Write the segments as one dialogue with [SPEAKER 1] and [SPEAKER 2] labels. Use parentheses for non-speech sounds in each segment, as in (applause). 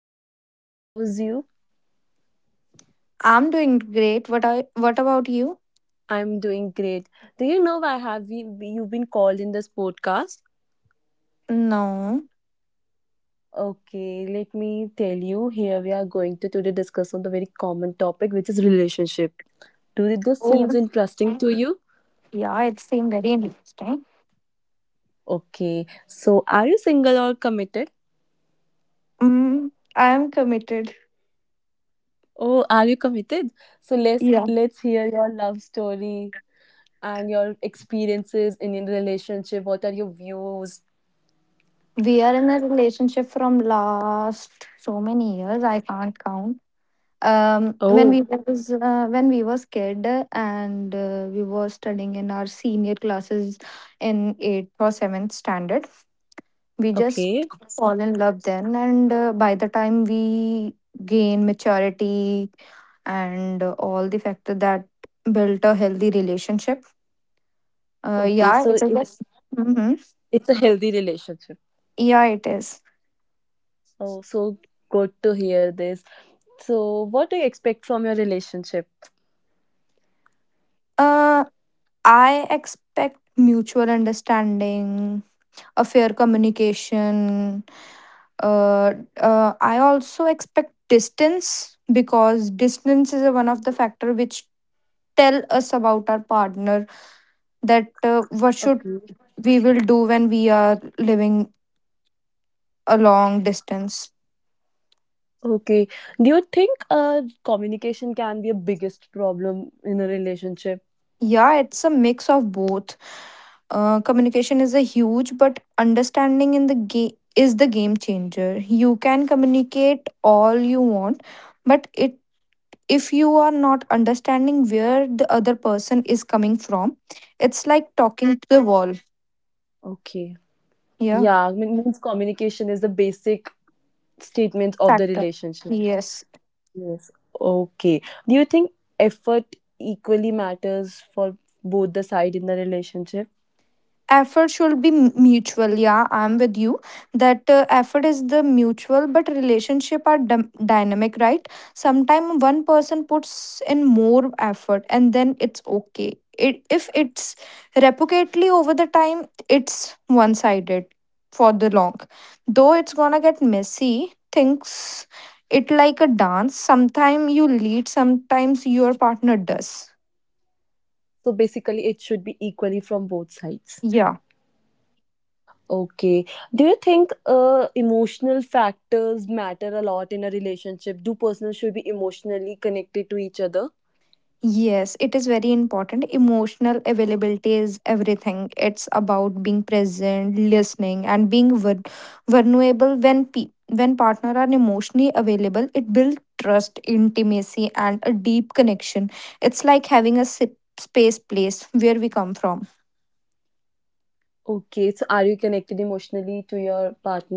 [SPEAKER 1] Hi,
[SPEAKER 2] how is you?
[SPEAKER 1] I'm doing great. What about you?
[SPEAKER 2] I'm doing great. Do you know why you've been called in this podcast?
[SPEAKER 1] No.
[SPEAKER 2] Okay, let me tell you. Here we are going to today discuss on the very common topic, which is relationship. Do this seems
[SPEAKER 1] Oh,
[SPEAKER 2] interesting to you?
[SPEAKER 1] yeah, it seemed very interesting.
[SPEAKER 2] Okay, so are you single or committed?
[SPEAKER 1] Mm, I am committed.
[SPEAKER 2] Oh, are you committed? So let's
[SPEAKER 1] Yeah.
[SPEAKER 2] let's hear your love story and your experiences in your relationship. What are your views?
[SPEAKER 1] We are in a relationship from last so many years, I can't count.
[SPEAKER 2] Oh,
[SPEAKER 1] When we was kid and we were studying in our senior classes in eighth or seventh standard, we just
[SPEAKER 2] okay,
[SPEAKER 1] fall in love then, and by the time we gain maturity and all the factor that built a healthy relationship.
[SPEAKER 2] okay.
[SPEAKER 1] Yeah,
[SPEAKER 2] So
[SPEAKER 1] it
[SPEAKER 2] it,
[SPEAKER 1] is. Mm-hmm.
[SPEAKER 2] it's a healthy relationship.
[SPEAKER 1] Yeah, it is.
[SPEAKER 2] Oh, so good to hear this. So, what do you expect from your relationship?
[SPEAKER 1] Uh, I expect mutual understanding, a fair communication. I also expect distance because distance is a one of the factor which tell us about our partner that what should
[SPEAKER 2] Okay.
[SPEAKER 1] we will do when we are living a long distance.
[SPEAKER 2] Okay. Do you think communication can be a biggest problem in a relationship?
[SPEAKER 1] Yeah, it's a mix of both. Communication is a huge, but understanding in the game is the game changer. You can communicate all you want, but it, if you are not understanding where the other person is coming from, it's like talking to the wall.
[SPEAKER 2] Okay.
[SPEAKER 1] Yeah.
[SPEAKER 2] Yeah, I mean, means communication is the basic statement of the
[SPEAKER 1] Factor.
[SPEAKER 2] relationship.
[SPEAKER 1] Yes.
[SPEAKER 2] Yes. Okay. Do you think effort equally matters for both the side in the relationship?
[SPEAKER 1] Effort should be mutual. Yeah, I'm with you that effort is the mutual, but relationship are dynamic, right? Sometimes one person puts in more effort and then it's okay, it, if it's repeatedly over the time, it's one sided for the long, though it's gonna get messy things. It like a dance, sometimes you lead, sometimes your partner does.
[SPEAKER 2] So basically, it should be equally from both sides.
[SPEAKER 1] Yeah.
[SPEAKER 2] Okay. Do you think emotional factors matter a lot in a relationship? Do persons should be emotionally connected to each other?
[SPEAKER 1] Yes, it is very important. Emotional availability is everything. It's about being present, listening, and being vulnerable. When when partner are emotionally available, it builds trust, intimacy, and a deep connection. It's like having a space place where we come from.
[SPEAKER 2] Okay. So, are you connected emotionally to your partner?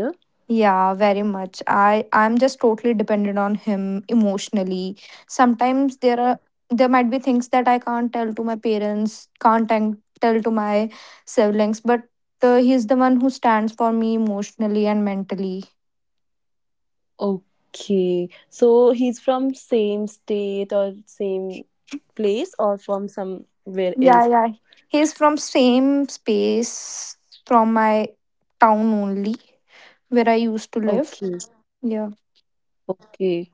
[SPEAKER 1] Yeah, very much. I'm just totally dependent on him emotionally. Sometimes there might be things that I can't tell to my parents, can't tell to my siblings, but he's the one who stands for me emotionally and mentally.
[SPEAKER 2] Okay. So, he's from same state or same place or from somewhere
[SPEAKER 1] Yeah,
[SPEAKER 2] else?
[SPEAKER 1] yeah. He's from same space from my town only where I used to live.
[SPEAKER 2] Okay.
[SPEAKER 1] Yeah.
[SPEAKER 2] Okay.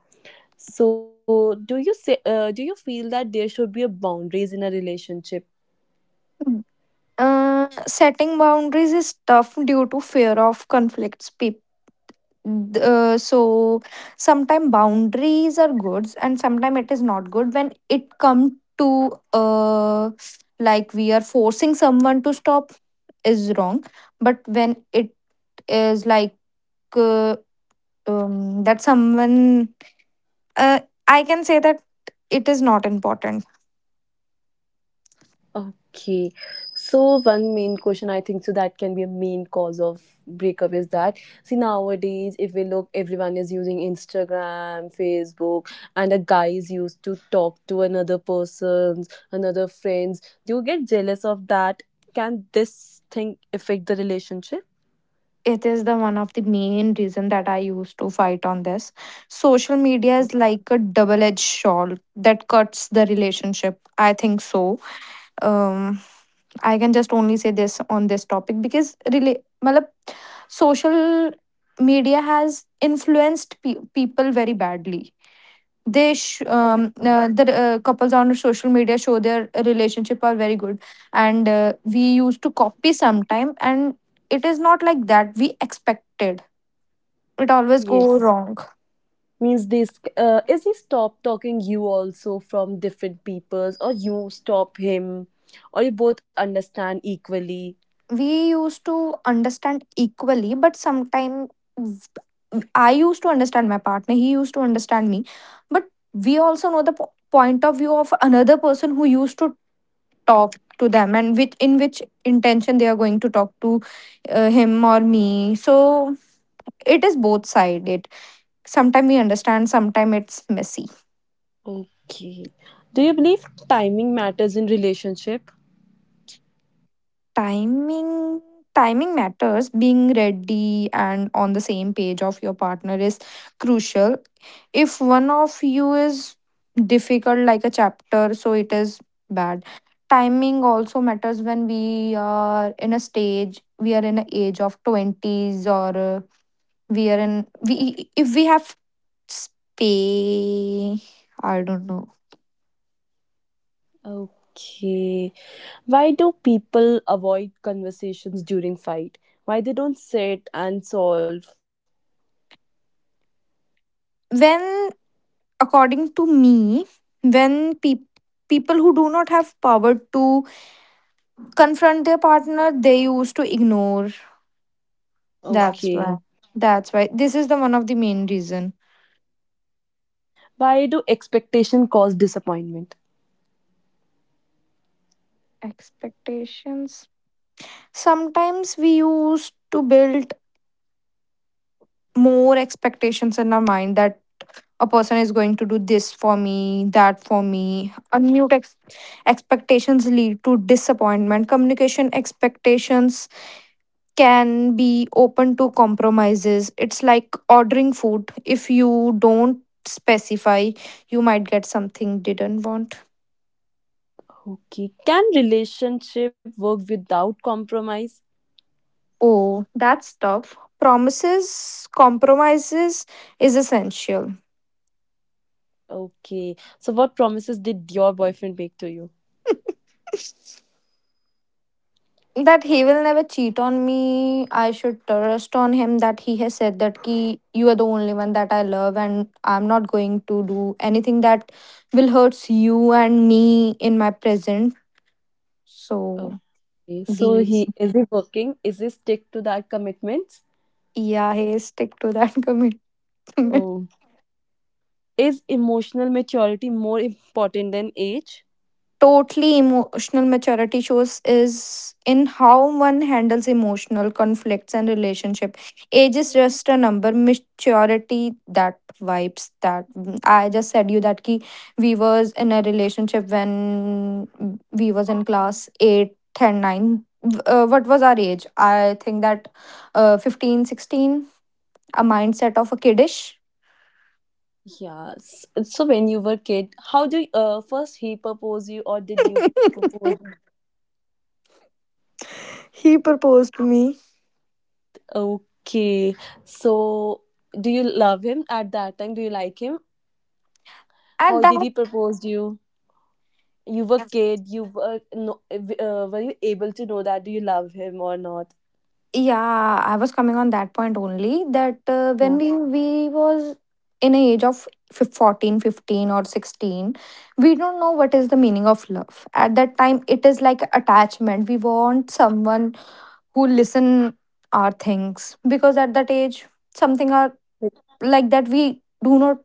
[SPEAKER 2] So, do you feel that there should be a boundaries in a relationship?
[SPEAKER 1] Mm. Setting boundaries is tough due to fear of conflicts. People, so sometimes boundaries are good and sometimes it is not good when it comes to, uh like we are forcing someone to stop is wrong, but when it is like, uh, that someone, uh, I can say that, it is not important.
[SPEAKER 2] Okay. So one main question I think so that can be a main cause of breakup is that, see, nowadays if we look, everyone is using Instagram, Facebook, and a guy is used to talk to another person's another friends. Do you get jealous of that? Can this thing affect the relationship?
[SPEAKER 1] It is the one of the main reason that I used to fight on this. Social media is like a double edged sword that cuts the relationship. I think so. um, I can just only say this on this topic because really, malab, social media has influenced people very badly. The couples on social media show their relationship are very good, and we used to copy sometime, and it is not like that. We expected it always go
[SPEAKER 2] Yes.
[SPEAKER 1] wrong.
[SPEAKER 2] Means this is he stop talking you also from different peoples, or you stop him, or you both understand equally?
[SPEAKER 1] We used to understand equally, but sometimes I used to understand my partner, he used to understand me. But we also know the point of view of another person who used to talk to them and which, in which intention they are going to talk to him or me. So it is both sided. Sometimes we understand, sometimes it's messy.
[SPEAKER 2] Okay. Do you believe timing matters in relationship?
[SPEAKER 1] timing Timing matters. Being ready and on the same page of your partner is crucial. If one of you is difficult, like a chapter, so it is bad. Timing also matters when we are in a stage, we are in an age of 20s, or we are in, we, if we have space, I don't know.
[SPEAKER 2] Okay. Why do people avoid conversations during fight? Why they don't sit and solve?
[SPEAKER 1] When According to me, when people who do not have power to confront their partner, they used to ignore. That's
[SPEAKER 2] Okay.
[SPEAKER 1] why. That's why. This is the one of the main reason.
[SPEAKER 2] Why do expectation cause disappointment?
[SPEAKER 1] Expectations. Sometimes we used to build more expectations in our mind that a person is going to do this for me, that for me. Unmute expectations lead to disappointment. Communication expectations can be open to compromises. It's like ordering food. If you don't specify, you might get something didn't want.
[SPEAKER 2] Okay. Can relationship work without compromise?
[SPEAKER 1] Oh, that's tough. Promises, compromises is essential.
[SPEAKER 2] Okay. So what promises did your boyfriend make to you?
[SPEAKER 1] (laughs) That he will never cheat on me. I should trust on him that he has said that ki, you are the only one that I love, and I'm not going to do anything that will hurts you and me in my present. So.
[SPEAKER 2] Okay. So
[SPEAKER 1] These
[SPEAKER 2] he is he working? Is he stick to that commitment?
[SPEAKER 1] Yeah, hey, stick to that (laughs) commitment.
[SPEAKER 2] Okay. Is emotional maturity more important than age?
[SPEAKER 1] Totally emotional maturity shows is in how one handles emotional conflicts and relationship. Age is just a number. Maturity that vibes that, I just said you that ki we was in a relationship when we was in class eight and nine. What was our age? I think that 15, 16. A mindset of a kiddish.
[SPEAKER 2] Yes. So when you were kid, first he propose you, or did you
[SPEAKER 1] (laughs)
[SPEAKER 2] propose?
[SPEAKER 1] He proposed to me
[SPEAKER 2] Okay. So do you love him at that time? Do you like him?
[SPEAKER 1] at
[SPEAKER 2] How
[SPEAKER 1] that.
[SPEAKER 2] did he propose you? You were kid. You were no, Were you able to know that? Do you love him or not?
[SPEAKER 1] Yeah, I was coming on that point only that when
[SPEAKER 2] Yeah.
[SPEAKER 1] we was in a age of 14, 15 or 16, we don't know what is the meaning of love. At that time it is like attachment. We want someone who listen our things because at that age something are
[SPEAKER 2] Like,
[SPEAKER 1] like that, we do not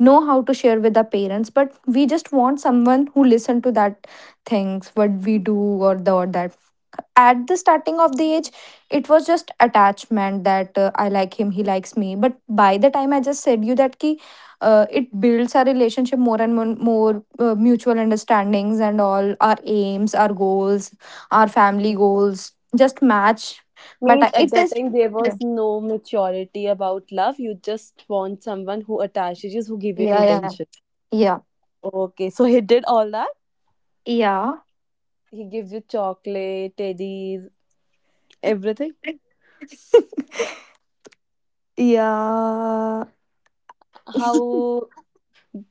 [SPEAKER 1] know how to share with our parents, but we just want someone who listen to that things what we do, or the, or that, at the starting of the age it was just attachment that I like him, he likes me, but by the time I just said you that ki, it builds our relationship more and more, more mutual understandings, and all our aims, our goals, our family goals just match. But
[SPEAKER 2] means
[SPEAKER 1] I-
[SPEAKER 2] at
[SPEAKER 1] it
[SPEAKER 2] that
[SPEAKER 1] is
[SPEAKER 2] time there
[SPEAKER 1] Yeah,
[SPEAKER 2] was no maturity about love. You just want someone who attaches you, who give you
[SPEAKER 1] yeah, yeah,
[SPEAKER 2] intention.
[SPEAKER 1] yeah,
[SPEAKER 2] Okay, so he did all that.
[SPEAKER 1] yeah.
[SPEAKER 2] He gives you chocolate, teddies, everything.
[SPEAKER 1] Yeah.
[SPEAKER 2] How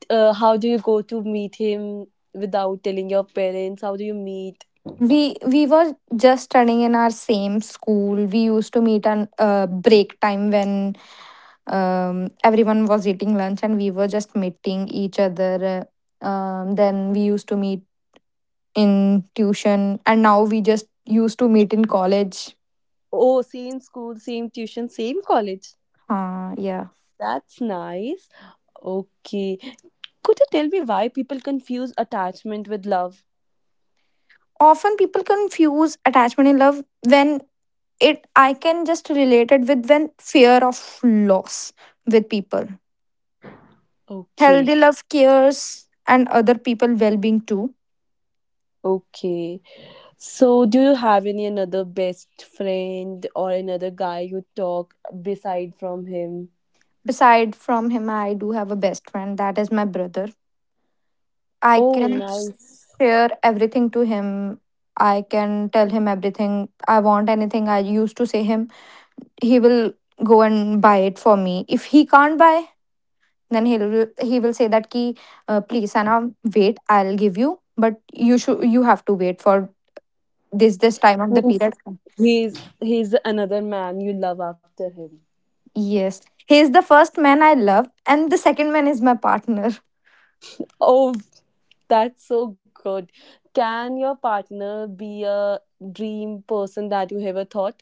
[SPEAKER 2] how do you go to meet him without telling your parents? How do you meet?
[SPEAKER 1] We were just studying in our same school. We used to meet on break time when um, everyone was eating lunch and we were just meeting each other. Then we used to meet in tuition, and now we just used to meet in college.
[SPEAKER 2] Oh, same school, same tuition, same college.
[SPEAKER 1] Yeah.
[SPEAKER 2] That's nice. Okay. Could you tell me why people confuse attachment with love?
[SPEAKER 1] Often people confuse attachment in love when it, I can just relate it with when fear of loss with people. Healthy
[SPEAKER 2] Okay.
[SPEAKER 1] love cares and other people well being too.
[SPEAKER 2] Okay. So, do you have any another best friend or another guy you talk beside from him?
[SPEAKER 1] Beside from him, I do have a best friend, that is my brother. I
[SPEAKER 2] Oh,
[SPEAKER 1] can
[SPEAKER 2] nice.
[SPEAKER 1] share everything to him. I can tell him everything I want. Anything I used to say him, he will go and buy it for me. If he can't buy, then he will say that ki, please Anna, wait, I'll give you, but you have to wait for this time of the
[SPEAKER 2] Means
[SPEAKER 1] period.
[SPEAKER 2] he's another man you love after him.
[SPEAKER 1] Yes. He is the first man I love, and the second man is my partner. (sighs)
[SPEAKER 2] Oh, that's so good. Can your partner be a dream person that you ever thought?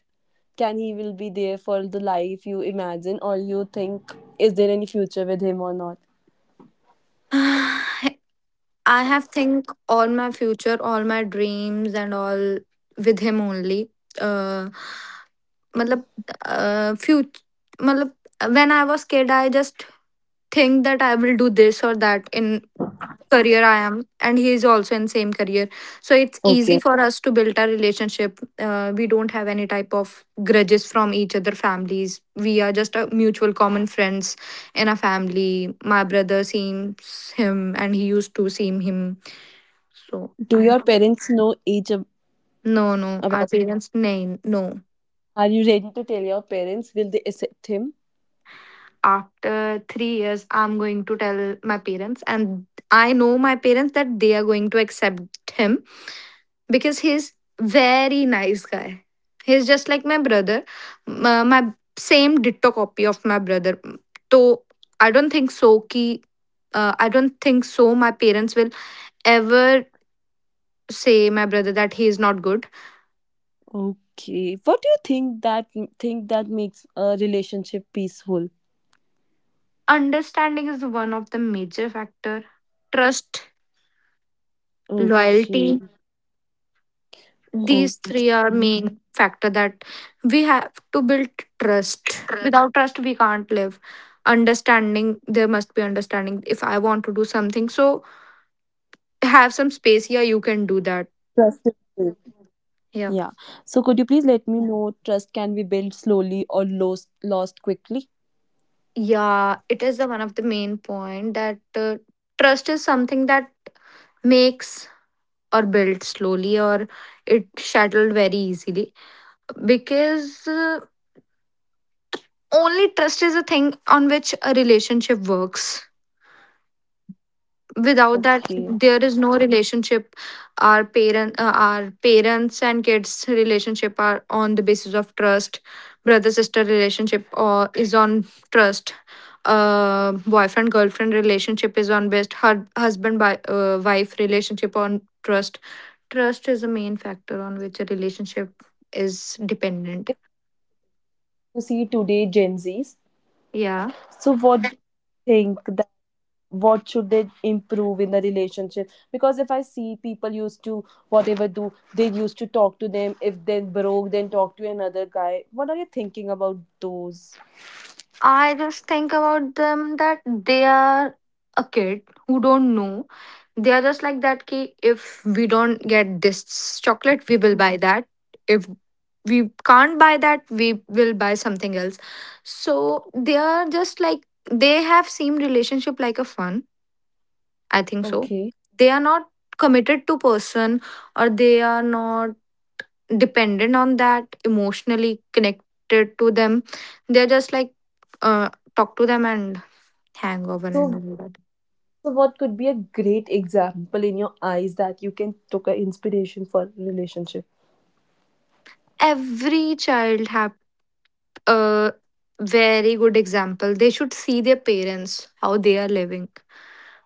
[SPEAKER 2] Can he will be there for the life you imagine, or you think is there any future with him or not?
[SPEAKER 1] I have think all my future, all my dreams and all with him only. Uh, Matlab, future, matlab, when I was kid, I just think that I will do this or that in career I am, and he is also in same career. So it's easy
[SPEAKER 2] Okay,
[SPEAKER 1] for us to build our relationship. We don't have any type of grudges from each other families. We are just a mutual common friends in a family. My brother seems him, and he used to seem him. So
[SPEAKER 2] do
[SPEAKER 1] I
[SPEAKER 2] your parents know each
[SPEAKER 1] No, no, our
[SPEAKER 2] about?
[SPEAKER 1] parents nay, no.
[SPEAKER 2] Are you ready to tell your parents? Will they accept him?
[SPEAKER 1] After 3 years I'm going to tell my parents, and I know my parents that they are going to accept him, because he's very nice guy. He's just like my brother, my same ditto copy of my brother. So I don't think so ki, I don't think so my parents will ever say my brother that he is not good.
[SPEAKER 2] Okay, what do you think that makes a relationship peaceful?
[SPEAKER 1] Understanding is one of the major factor. Trust.
[SPEAKER 2] Okay.
[SPEAKER 1] Loyalty. These
[SPEAKER 2] Okay.
[SPEAKER 1] three are main factor that we have to build. Trust, without trust we can't live. Understanding, there must be understanding. If I want to do something, so have some space here, you can
[SPEAKER 2] Trust is
[SPEAKER 1] do that.
[SPEAKER 2] built. Yeah. So
[SPEAKER 1] Yeah,
[SPEAKER 2] could you please let me know trust can be built slowly or lost quickly?
[SPEAKER 1] yeah, it is the one of the main point that, trust is something that makes or builds slowly, or it shattered very easily because, only trust is a thing on which a relationship works.
[SPEAKER 2] Okay.
[SPEAKER 1] Without that there is no relationship. Our parents and kids relationship are on the basis of trust. Brother sister relationship or is on trust. Boyfriend girlfriend relationship is on based husband by wife relationship on trust. Trust is a main factor on which a relationship is dependent.
[SPEAKER 2] If you see today Gen Zs,
[SPEAKER 1] Yeah.
[SPEAKER 2] so what do you think that, what should they improve in the relationship? Because if I see people used to whatever do, they used to talk to them. If they broke, then talk to another guy. What are you thinking about those?
[SPEAKER 1] I just think about them that they are a kid who don't know. They are just like that ki, if we don't get this chocolate, we will buy that. If we can't buy that, we will buy something else. So they are just like, they have seen relationship like a fun. I think so.
[SPEAKER 2] Okay.
[SPEAKER 1] They are not committed to person, or they are not dependent on that, emotionally connected to them. They're just like, uh, talk to them and hang over and
[SPEAKER 2] So
[SPEAKER 1] all that.
[SPEAKER 2] so what could be a great example in your eyes that you can took an inspiration for relationship?
[SPEAKER 1] Every child have a very good example. They should see their parents, how they are living,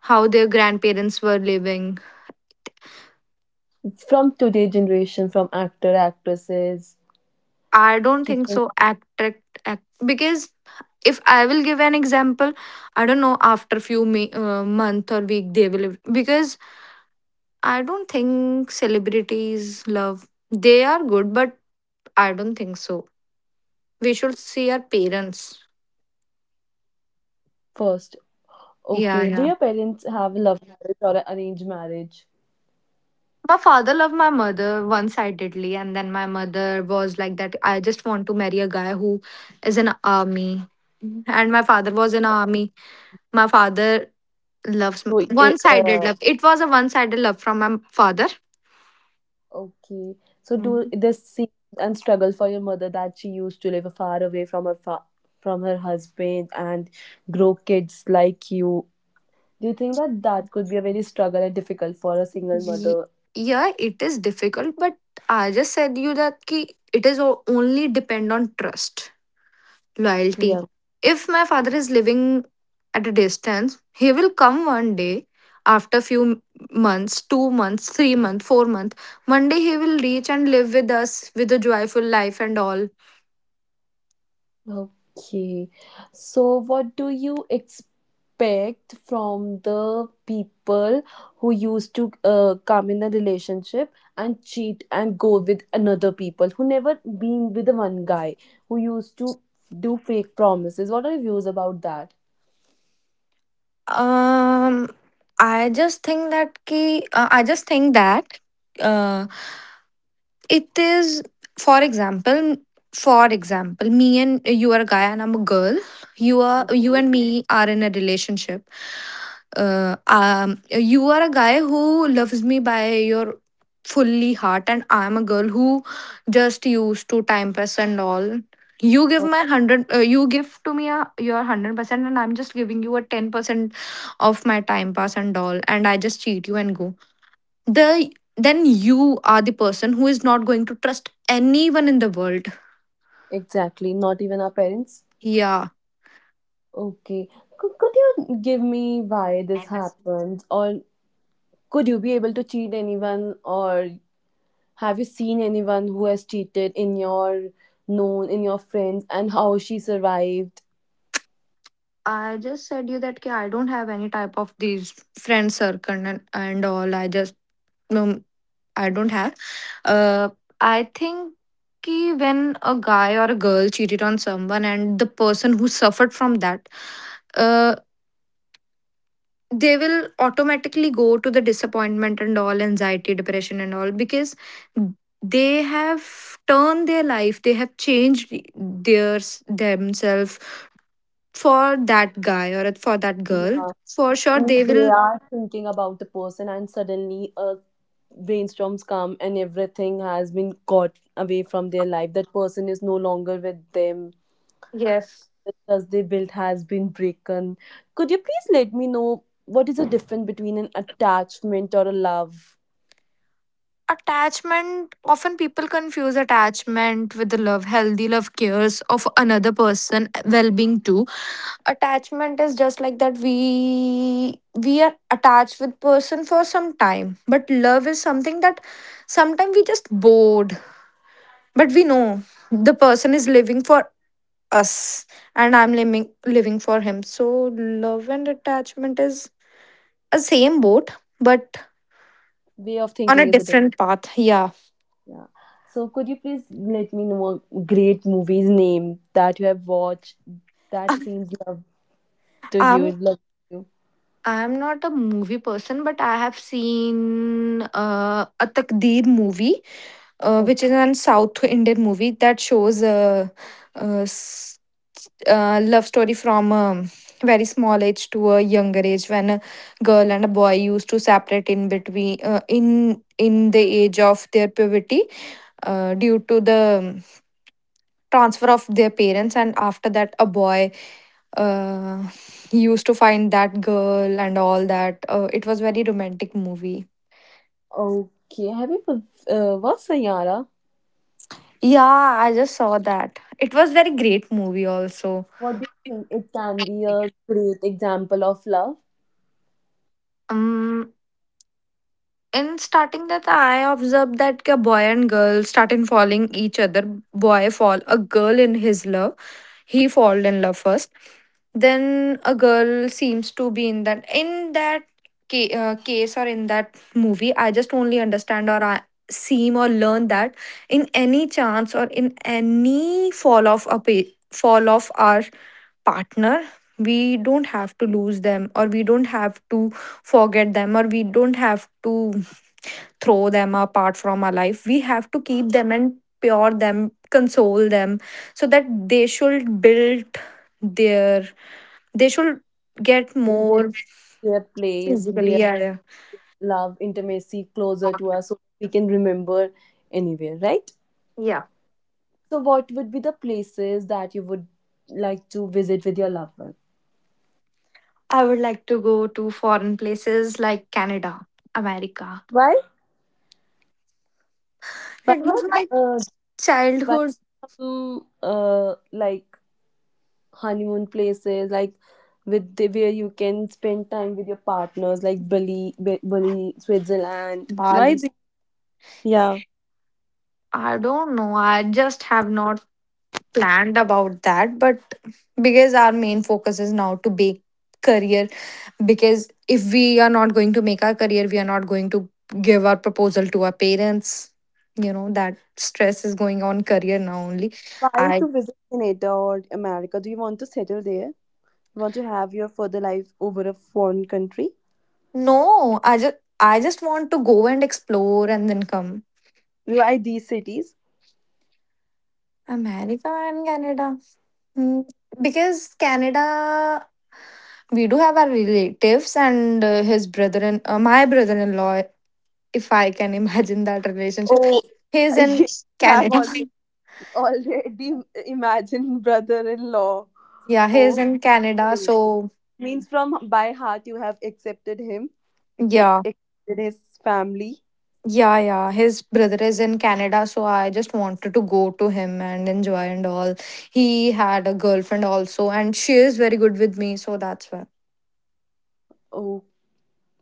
[SPEAKER 1] how their grandparents were living.
[SPEAKER 2] From today generation, from actor actresses.
[SPEAKER 1] I don't
[SPEAKER 2] You
[SPEAKER 1] think
[SPEAKER 2] can
[SPEAKER 1] so. Attract, act, because if I will give an example, I don't know after few month or week they will, because I don't think celebrities love. They are good, but I don't think so. We should see our parents.
[SPEAKER 2] first. Okay, do your parents
[SPEAKER 1] Yeah,
[SPEAKER 2] have
[SPEAKER 1] yeah.
[SPEAKER 2] love marriage or an arranged marriage?
[SPEAKER 1] My father loved my mother one sidedly, and then my mother was like that, I just want to marry a guy who is an army, and my father was in army. My father
[SPEAKER 2] So
[SPEAKER 1] loves one sided love. It was a one sided love from my father.
[SPEAKER 2] okay, so do this scene and struggle for your mother that she used to live far away from her from her husband and grow kids like you. Do you think that that could be a very struggle and difficult for a single
[SPEAKER 1] Ye-
[SPEAKER 2] mother?
[SPEAKER 1] yeah, it is difficult, but I just said you that ki it is only depend on trust, loyalty.
[SPEAKER 2] Yeah.
[SPEAKER 1] If my father is living at a distance, he will come one day, after few months, 2 months, 3 months, 4 months, one day he will reach and live with us with a joyful life and all.
[SPEAKER 2] Okay. So, what do you expect from the people who used to come in a relationship and cheat and go with another people who never been with the one guy who used to do fake promises? What are your views about that?
[SPEAKER 1] um I just think that ki, I just think that uh, it is, for example, me and you are a guy and I'm a girl. You are you and
[SPEAKER 2] Okay.
[SPEAKER 1] me are in a relationship. You are a guy who loves me by your fully heart, and I'm a girl who just used to time pass and all. You give
[SPEAKER 2] Oh,
[SPEAKER 1] my hundred. You give to me a, your 100%, and I'm just giving you a 10% of my time pass and all, and I just cheat you and go the then you are the person who is not going to trust anyone in the world.
[SPEAKER 2] exactly. Not even our parents.
[SPEAKER 1] Yeah.
[SPEAKER 2] Okay. Could you give me why this happens? Or, could you be able to cheat anyone? Or, have you seen anyone who has cheated in your known, in your friends, and how she survived?
[SPEAKER 1] I just said you that, "Ki, I don't have any type of these friend circle and all. I just um, I don't have. Uh, I think ki when a guy or a girl cheated on someone, and the person who suffered from that, uh, they will automatically go to the disappointment and all, anxiety, depression and all, because they have turned their life, they have changed their themselves for that guy or for that girl,
[SPEAKER 2] Yeah.
[SPEAKER 1] for sure they
[SPEAKER 2] They
[SPEAKER 1] will.
[SPEAKER 2] are thinking about the person, and suddenly a brainstorms come and everything has been caught away from their life. That person is no longer with them.
[SPEAKER 1] Yes.
[SPEAKER 2] The trust they built has been broken. Could you please let me know what is the difference between an attachment or a love?
[SPEAKER 1] Attachment, often people confuse attachment with the love. Healthy love cares of another person well-being too. Attachment is just like that we are attached with person for some time, but love is something that sometimes we just bored, but we know the person is living for us, and I'm living for him. So love and attachment is a same boat, but
[SPEAKER 2] Way of
[SPEAKER 1] on a
[SPEAKER 2] thinking is a,
[SPEAKER 1] different path, yeah.
[SPEAKER 2] yeah. So could you please let me know a great movie's name that you have watched that
[SPEAKER 1] (laughs)
[SPEAKER 2] seems love to you,
[SPEAKER 1] i'm
[SPEAKER 2] love to you?
[SPEAKER 1] I'm not a movie person, but I have seen a Takdeer movie, which
[SPEAKER 2] Okay.
[SPEAKER 1] is an South Indian movie that shows a, uh uh, s- love story from a very small age to a younger age, when a girl and a boy used to separate in between, in the age of their puberty, due to the transfer of their parents, and after that a boy uh, used to find that girl and all that. It was very romantic movie.
[SPEAKER 2] Okay. Have you watched Sayara?
[SPEAKER 1] Yeah, I just saw that. It was very great movie also.
[SPEAKER 2] What do you think? It can be a great example of love.
[SPEAKER 1] Um, in starting that, I observed that a boy and girl started following each other. Boy fall a girl in his love, he fall in love first. Then a girl seems to be in that, case, or in that movie I just only understand, or I seem or learn that in any chance or in any fall off a fall off our partner, we don't have to lose them, or we don't have to forget them, or we don't have to throw them apart from our life. We have to keep them and pure them, console them, so that they should build their, they should get
[SPEAKER 2] They get
[SPEAKER 1] more
[SPEAKER 2] their place,
[SPEAKER 1] physically.
[SPEAKER 2] their
[SPEAKER 1] Yeah, yeah.
[SPEAKER 2] love, intimacy closer to us, so we can remember anywhere, right?
[SPEAKER 1] Yeah.
[SPEAKER 2] So, what would be the places that you would like to visit with your loved one?
[SPEAKER 1] I would like to go to foreign places like Canada, America.
[SPEAKER 2] Why? Why
[SPEAKER 1] It was
[SPEAKER 2] not?
[SPEAKER 1] my
[SPEAKER 2] Uh, Why
[SPEAKER 1] childhood.
[SPEAKER 2] some like honeymoon places, like where you can spend time with your partners, like Bali, Bali, Switzerland?
[SPEAKER 1] Bali.
[SPEAKER 2] Yeah.
[SPEAKER 1] I don't know. I just have not planned about that, but because our main focus is now to make career, because if we are not going to make our career, we are not going to give our proposal to our parents. You know that stress is going on career now only.
[SPEAKER 2] Why
[SPEAKER 1] I
[SPEAKER 2] to visit Canada or America? Do you want to settle there? You want to have your further life over a foreign country?
[SPEAKER 1] No, I just want to go and explore and then come.
[SPEAKER 2] Why these cities?
[SPEAKER 1] America and Canada. Hmm, because Canada, we do have our relatives and his brother and my brother-in-law. If I can (laughs) imagine that relationship,
[SPEAKER 2] Oh,
[SPEAKER 1] he is
[SPEAKER 2] (laughs)
[SPEAKER 1] in
[SPEAKER 2] yeah, I've
[SPEAKER 1] Canada.
[SPEAKER 2] already Already imagine brother in law. (laughs)
[SPEAKER 1] (laughs) Yeah, he is
[SPEAKER 2] Oh,
[SPEAKER 1] in Canada,
[SPEAKER 2] great.
[SPEAKER 1] so.
[SPEAKER 2] Means from by heart you have accepted him, expect
[SPEAKER 1] Yeah,
[SPEAKER 2] accepted his family.
[SPEAKER 1] yeah, yeah. His brother is in Canada, so I just wanted to go to him and enjoy and all. He had a girlfriend also, and she is very good with me, so that's why.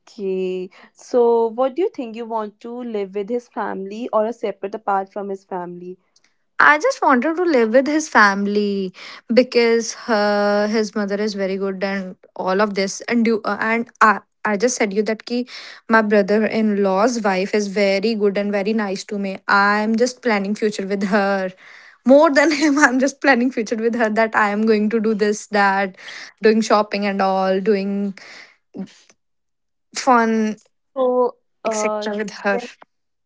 [SPEAKER 2] Okay. So, what do you think, you want to live with his family or a separate apart from his family?
[SPEAKER 1] I just wanted to live with his family, because his mother is very good and all of this. And I just said you that ki my brother-in-law's wife is very good and very nice to me. I'm just planning future with her. More than (laughs) him, I'm just planning future with her, that I am going to do this, that, doing shopping and all, doing fun,
[SPEAKER 2] So, uh,
[SPEAKER 1] etc.
[SPEAKER 2] you
[SPEAKER 1] with her.
[SPEAKER 2] can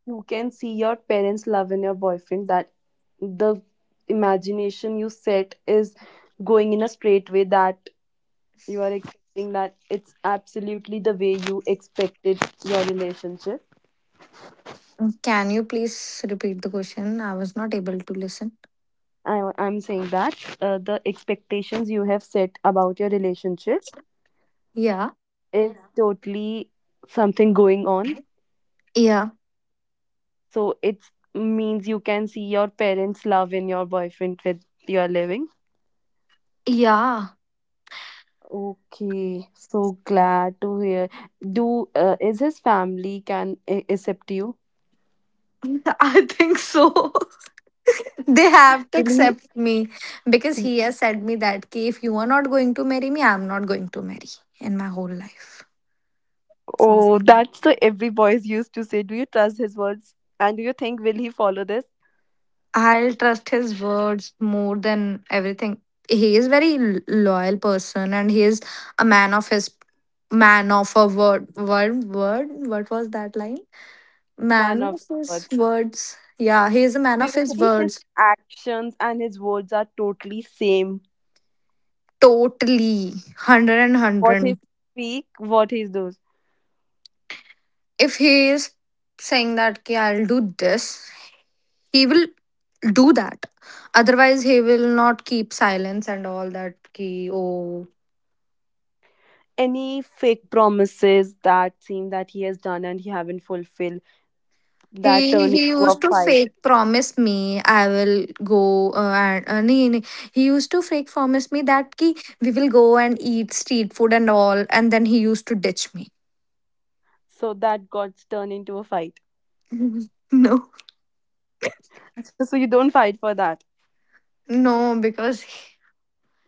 [SPEAKER 2] you can see your parents' love in your boyfriend, that the imagination you set is going in a straight way, that you are expecting that it's absolutely the way you expected your relationship.
[SPEAKER 1] Can you please repeat the question? I was not able to listen.
[SPEAKER 2] I'm saying that the expectations you have set about your relationship
[SPEAKER 1] Yeah.
[SPEAKER 2] is, yeah, totally something going on.
[SPEAKER 1] Yeah.
[SPEAKER 2] So it means you can see your parents' love in your boyfriend with your living.
[SPEAKER 1] Yeah.
[SPEAKER 2] Okay, so glad to hear. Do is his family can accept you?
[SPEAKER 1] (laughs) I think so. (laughs) They have to
[SPEAKER 2] Really,
[SPEAKER 1] accept me, because he has said me that ki, if you are not going to marry me, I'm not going to marry in my whole life. So
[SPEAKER 2] oh, that's the every boys used to say. Do you trust his words? And do you think, will he follow this?
[SPEAKER 1] I'll trust his words more than everything. He is very loyal person, and he is a man of his, man of a word word word what was that line?
[SPEAKER 2] Man
[SPEAKER 1] Man
[SPEAKER 2] of
[SPEAKER 1] of
[SPEAKER 2] his
[SPEAKER 1] his
[SPEAKER 2] words.
[SPEAKER 1] words. Yeah, he is a man
[SPEAKER 2] Do you
[SPEAKER 1] of his
[SPEAKER 2] think his
[SPEAKER 1] words.
[SPEAKER 2] actions and his words are totally same?
[SPEAKER 1] Totally hundred and
[SPEAKER 2] What he
[SPEAKER 1] hundred.
[SPEAKER 2] speak, what he does.
[SPEAKER 1] If he is saying that ki, I'll do this, he will do that. Otherwise he will not keep silence and all that ki, oh.
[SPEAKER 2] Any fake promises that seem that he has done and he haven't fulfilled that
[SPEAKER 1] he
[SPEAKER 2] turn
[SPEAKER 1] he
[SPEAKER 2] into a
[SPEAKER 1] used to
[SPEAKER 2] fight?
[SPEAKER 1] fake promise me, I will go and nee, nee. He used to fake promise me that ki, we will go and eat street food and all, and then he used to ditch me.
[SPEAKER 2] So that got turned into a fight.
[SPEAKER 1] (laughs) No.
[SPEAKER 2] So you don't fight for that.
[SPEAKER 1] No, because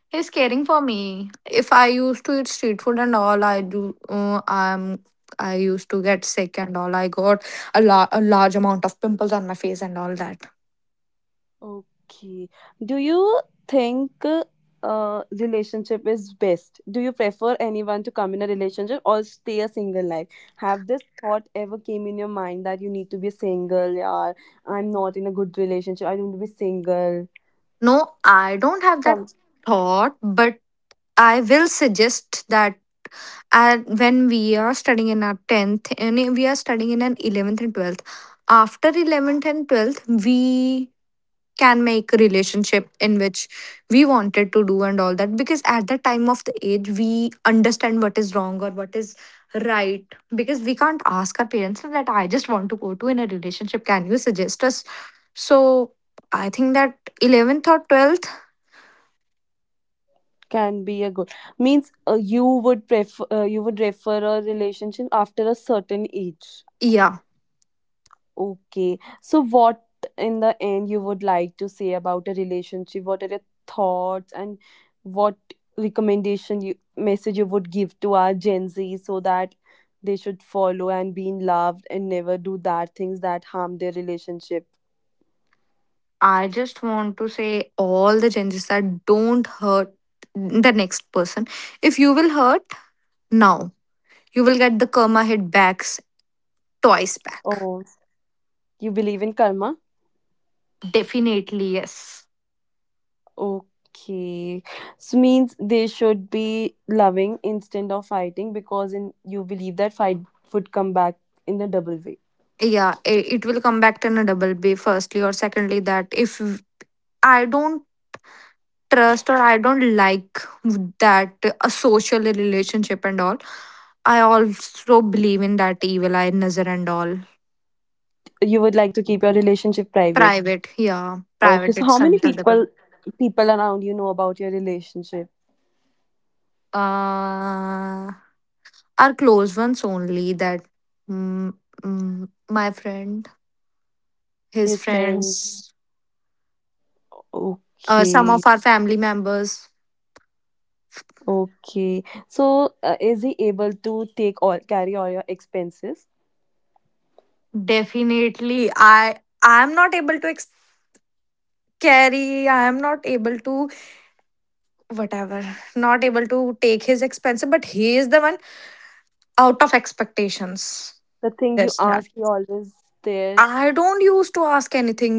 [SPEAKER 1] he's caring for me. If I used to eat street food and all, I do. I used to get sick and all. I got a, a large amount of pimples on my face and all that.
[SPEAKER 2] Okay. Do you think relationship is best? Do you prefer anyone to come in a relationship or stay a single life? Have this thought ever came in your mind that you need to be single, or I'm not in a good relationship, I don't want to be single?
[SPEAKER 1] No, I don't have
[SPEAKER 2] Some
[SPEAKER 1] that thought, but I will suggest that, when we are studying in our 10th, and we are studying in an 11th and 12th, after 11th and 12th, we can make a relationship in which we wanted to do and all that, because at that time of the age we understand what is wrong or what is right, because we can't ask our parents that, I just want to go to in a relationship, can you suggest us? So I think that 11th or 12th.
[SPEAKER 2] can be a good, means you would prefer you would refer a relationship after a certain age.
[SPEAKER 1] Yeah,
[SPEAKER 2] Okay. So, what in the end you would like to say about a relationship? What are your thoughts, and what recommendation, you message you would give to our Gen Z, so that they should follow and be in love and never do that things that harm their relationship?
[SPEAKER 1] I just want to say, all the changes that don't hurt the next person. If you will hurt now, you will get the karma hit backs, twice back.
[SPEAKER 2] Oh, you believe in karma?
[SPEAKER 1] Definitely yes.
[SPEAKER 2] Okay. So means they should be loving instead of fighting because in you believe that fight would come back in a double way.
[SPEAKER 1] Yeah, it will come back in a double b, firstly or secondly, that if I don't trust or I don't like that, a social relationship and all, I also believe in that evil eye nazar and all.
[SPEAKER 2] You would like to keep your relationship private.
[SPEAKER 1] Private, yeah,
[SPEAKER 2] Okay,
[SPEAKER 1] private.
[SPEAKER 2] so how
[SPEAKER 1] It's
[SPEAKER 2] many
[SPEAKER 1] until the.
[SPEAKER 2] people around you know about your relationship?
[SPEAKER 1] uh our close ones only, that, mm, my friend, his
[SPEAKER 2] His friends.
[SPEAKER 1] friends, some of
[SPEAKER 2] Okay,
[SPEAKER 1] our family members.
[SPEAKER 2] okay. So is he able to take all, carry all your expenses?
[SPEAKER 1] Definitely, I'm not able to carry, I am not able to, whatever, not able to take his expenses, but he is the one. Out of expectations.
[SPEAKER 2] The thing you
[SPEAKER 1] This, that.
[SPEAKER 2] ask, he always there.
[SPEAKER 1] I don't used to ask anything,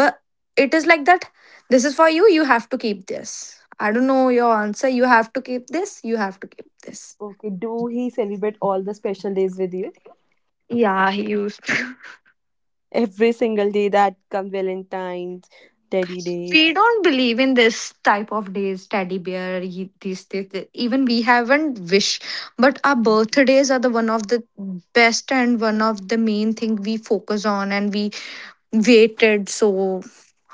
[SPEAKER 1] but it is like that, this is for you, you have to keep this, I don't know your answer, you have to keep this, you have to keep this.
[SPEAKER 2] Okay, do he celebrate all the special days with you?
[SPEAKER 1] Yeah, he used to.
[SPEAKER 2] Every single day that comes, Valentine's, Teddy Day.
[SPEAKER 1] We don't believe in this type of days, teddy bear, these things that, even we haven't wish. But our birthdays are the one of the best and one of the main thing we focus on, and we waited so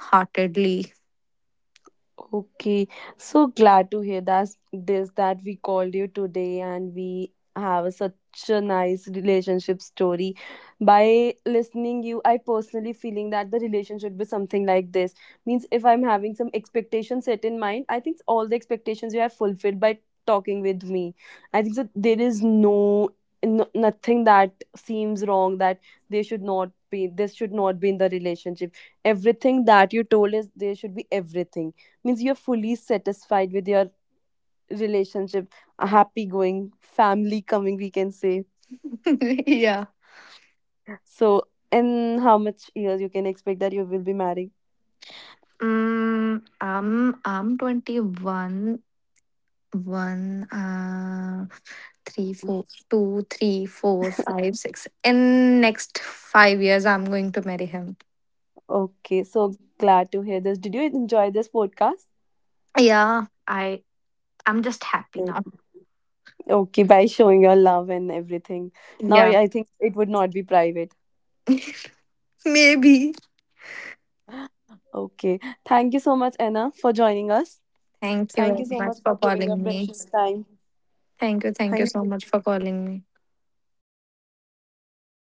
[SPEAKER 1] heartedly.
[SPEAKER 2] Okay, so glad to hear that, this that we called you today and we have such a nice relationship story. By listening you, I personally feeling that the relationship should be something like this. Means if I'm having some expectations set in mind, I think all the expectations you have fulfilled by talking with me. I think that there is no, no nothing that seems wrong, that they should not be, this should not be in the relationship. Everything that you told is there, should be everything. Means you're fully satisfied with your relationship. A happy going family coming, we can say.
[SPEAKER 1] (laughs) Yeah.
[SPEAKER 2] So, in how much years you can expect that you will be married?
[SPEAKER 1] mm, am I'm 21, 1, three, 4, 2, 3, 4, 5, 6. In next 5 years I'm going to marry him.
[SPEAKER 2] Okay, so glad to hear this. Did you enjoy this podcast?
[SPEAKER 1] Yeah, i I'm just happy
[SPEAKER 2] Yes.
[SPEAKER 1] now.
[SPEAKER 2] Okay, by showing your love and everything, now i
[SPEAKER 1] Yeah.
[SPEAKER 2] I think it would not be private.
[SPEAKER 1] (laughs) Maybe.
[SPEAKER 2] Okay, thank you so much Anna for joining us.
[SPEAKER 1] Thank you very
[SPEAKER 2] Thank you so
[SPEAKER 1] much
[SPEAKER 2] much
[SPEAKER 1] for
[SPEAKER 2] for giving
[SPEAKER 1] calling
[SPEAKER 2] your
[SPEAKER 1] me.
[SPEAKER 2] precious time.
[SPEAKER 1] Thank you. Thank you so
[SPEAKER 2] Thank you.
[SPEAKER 1] much for calling me.
[SPEAKER 2] Okay,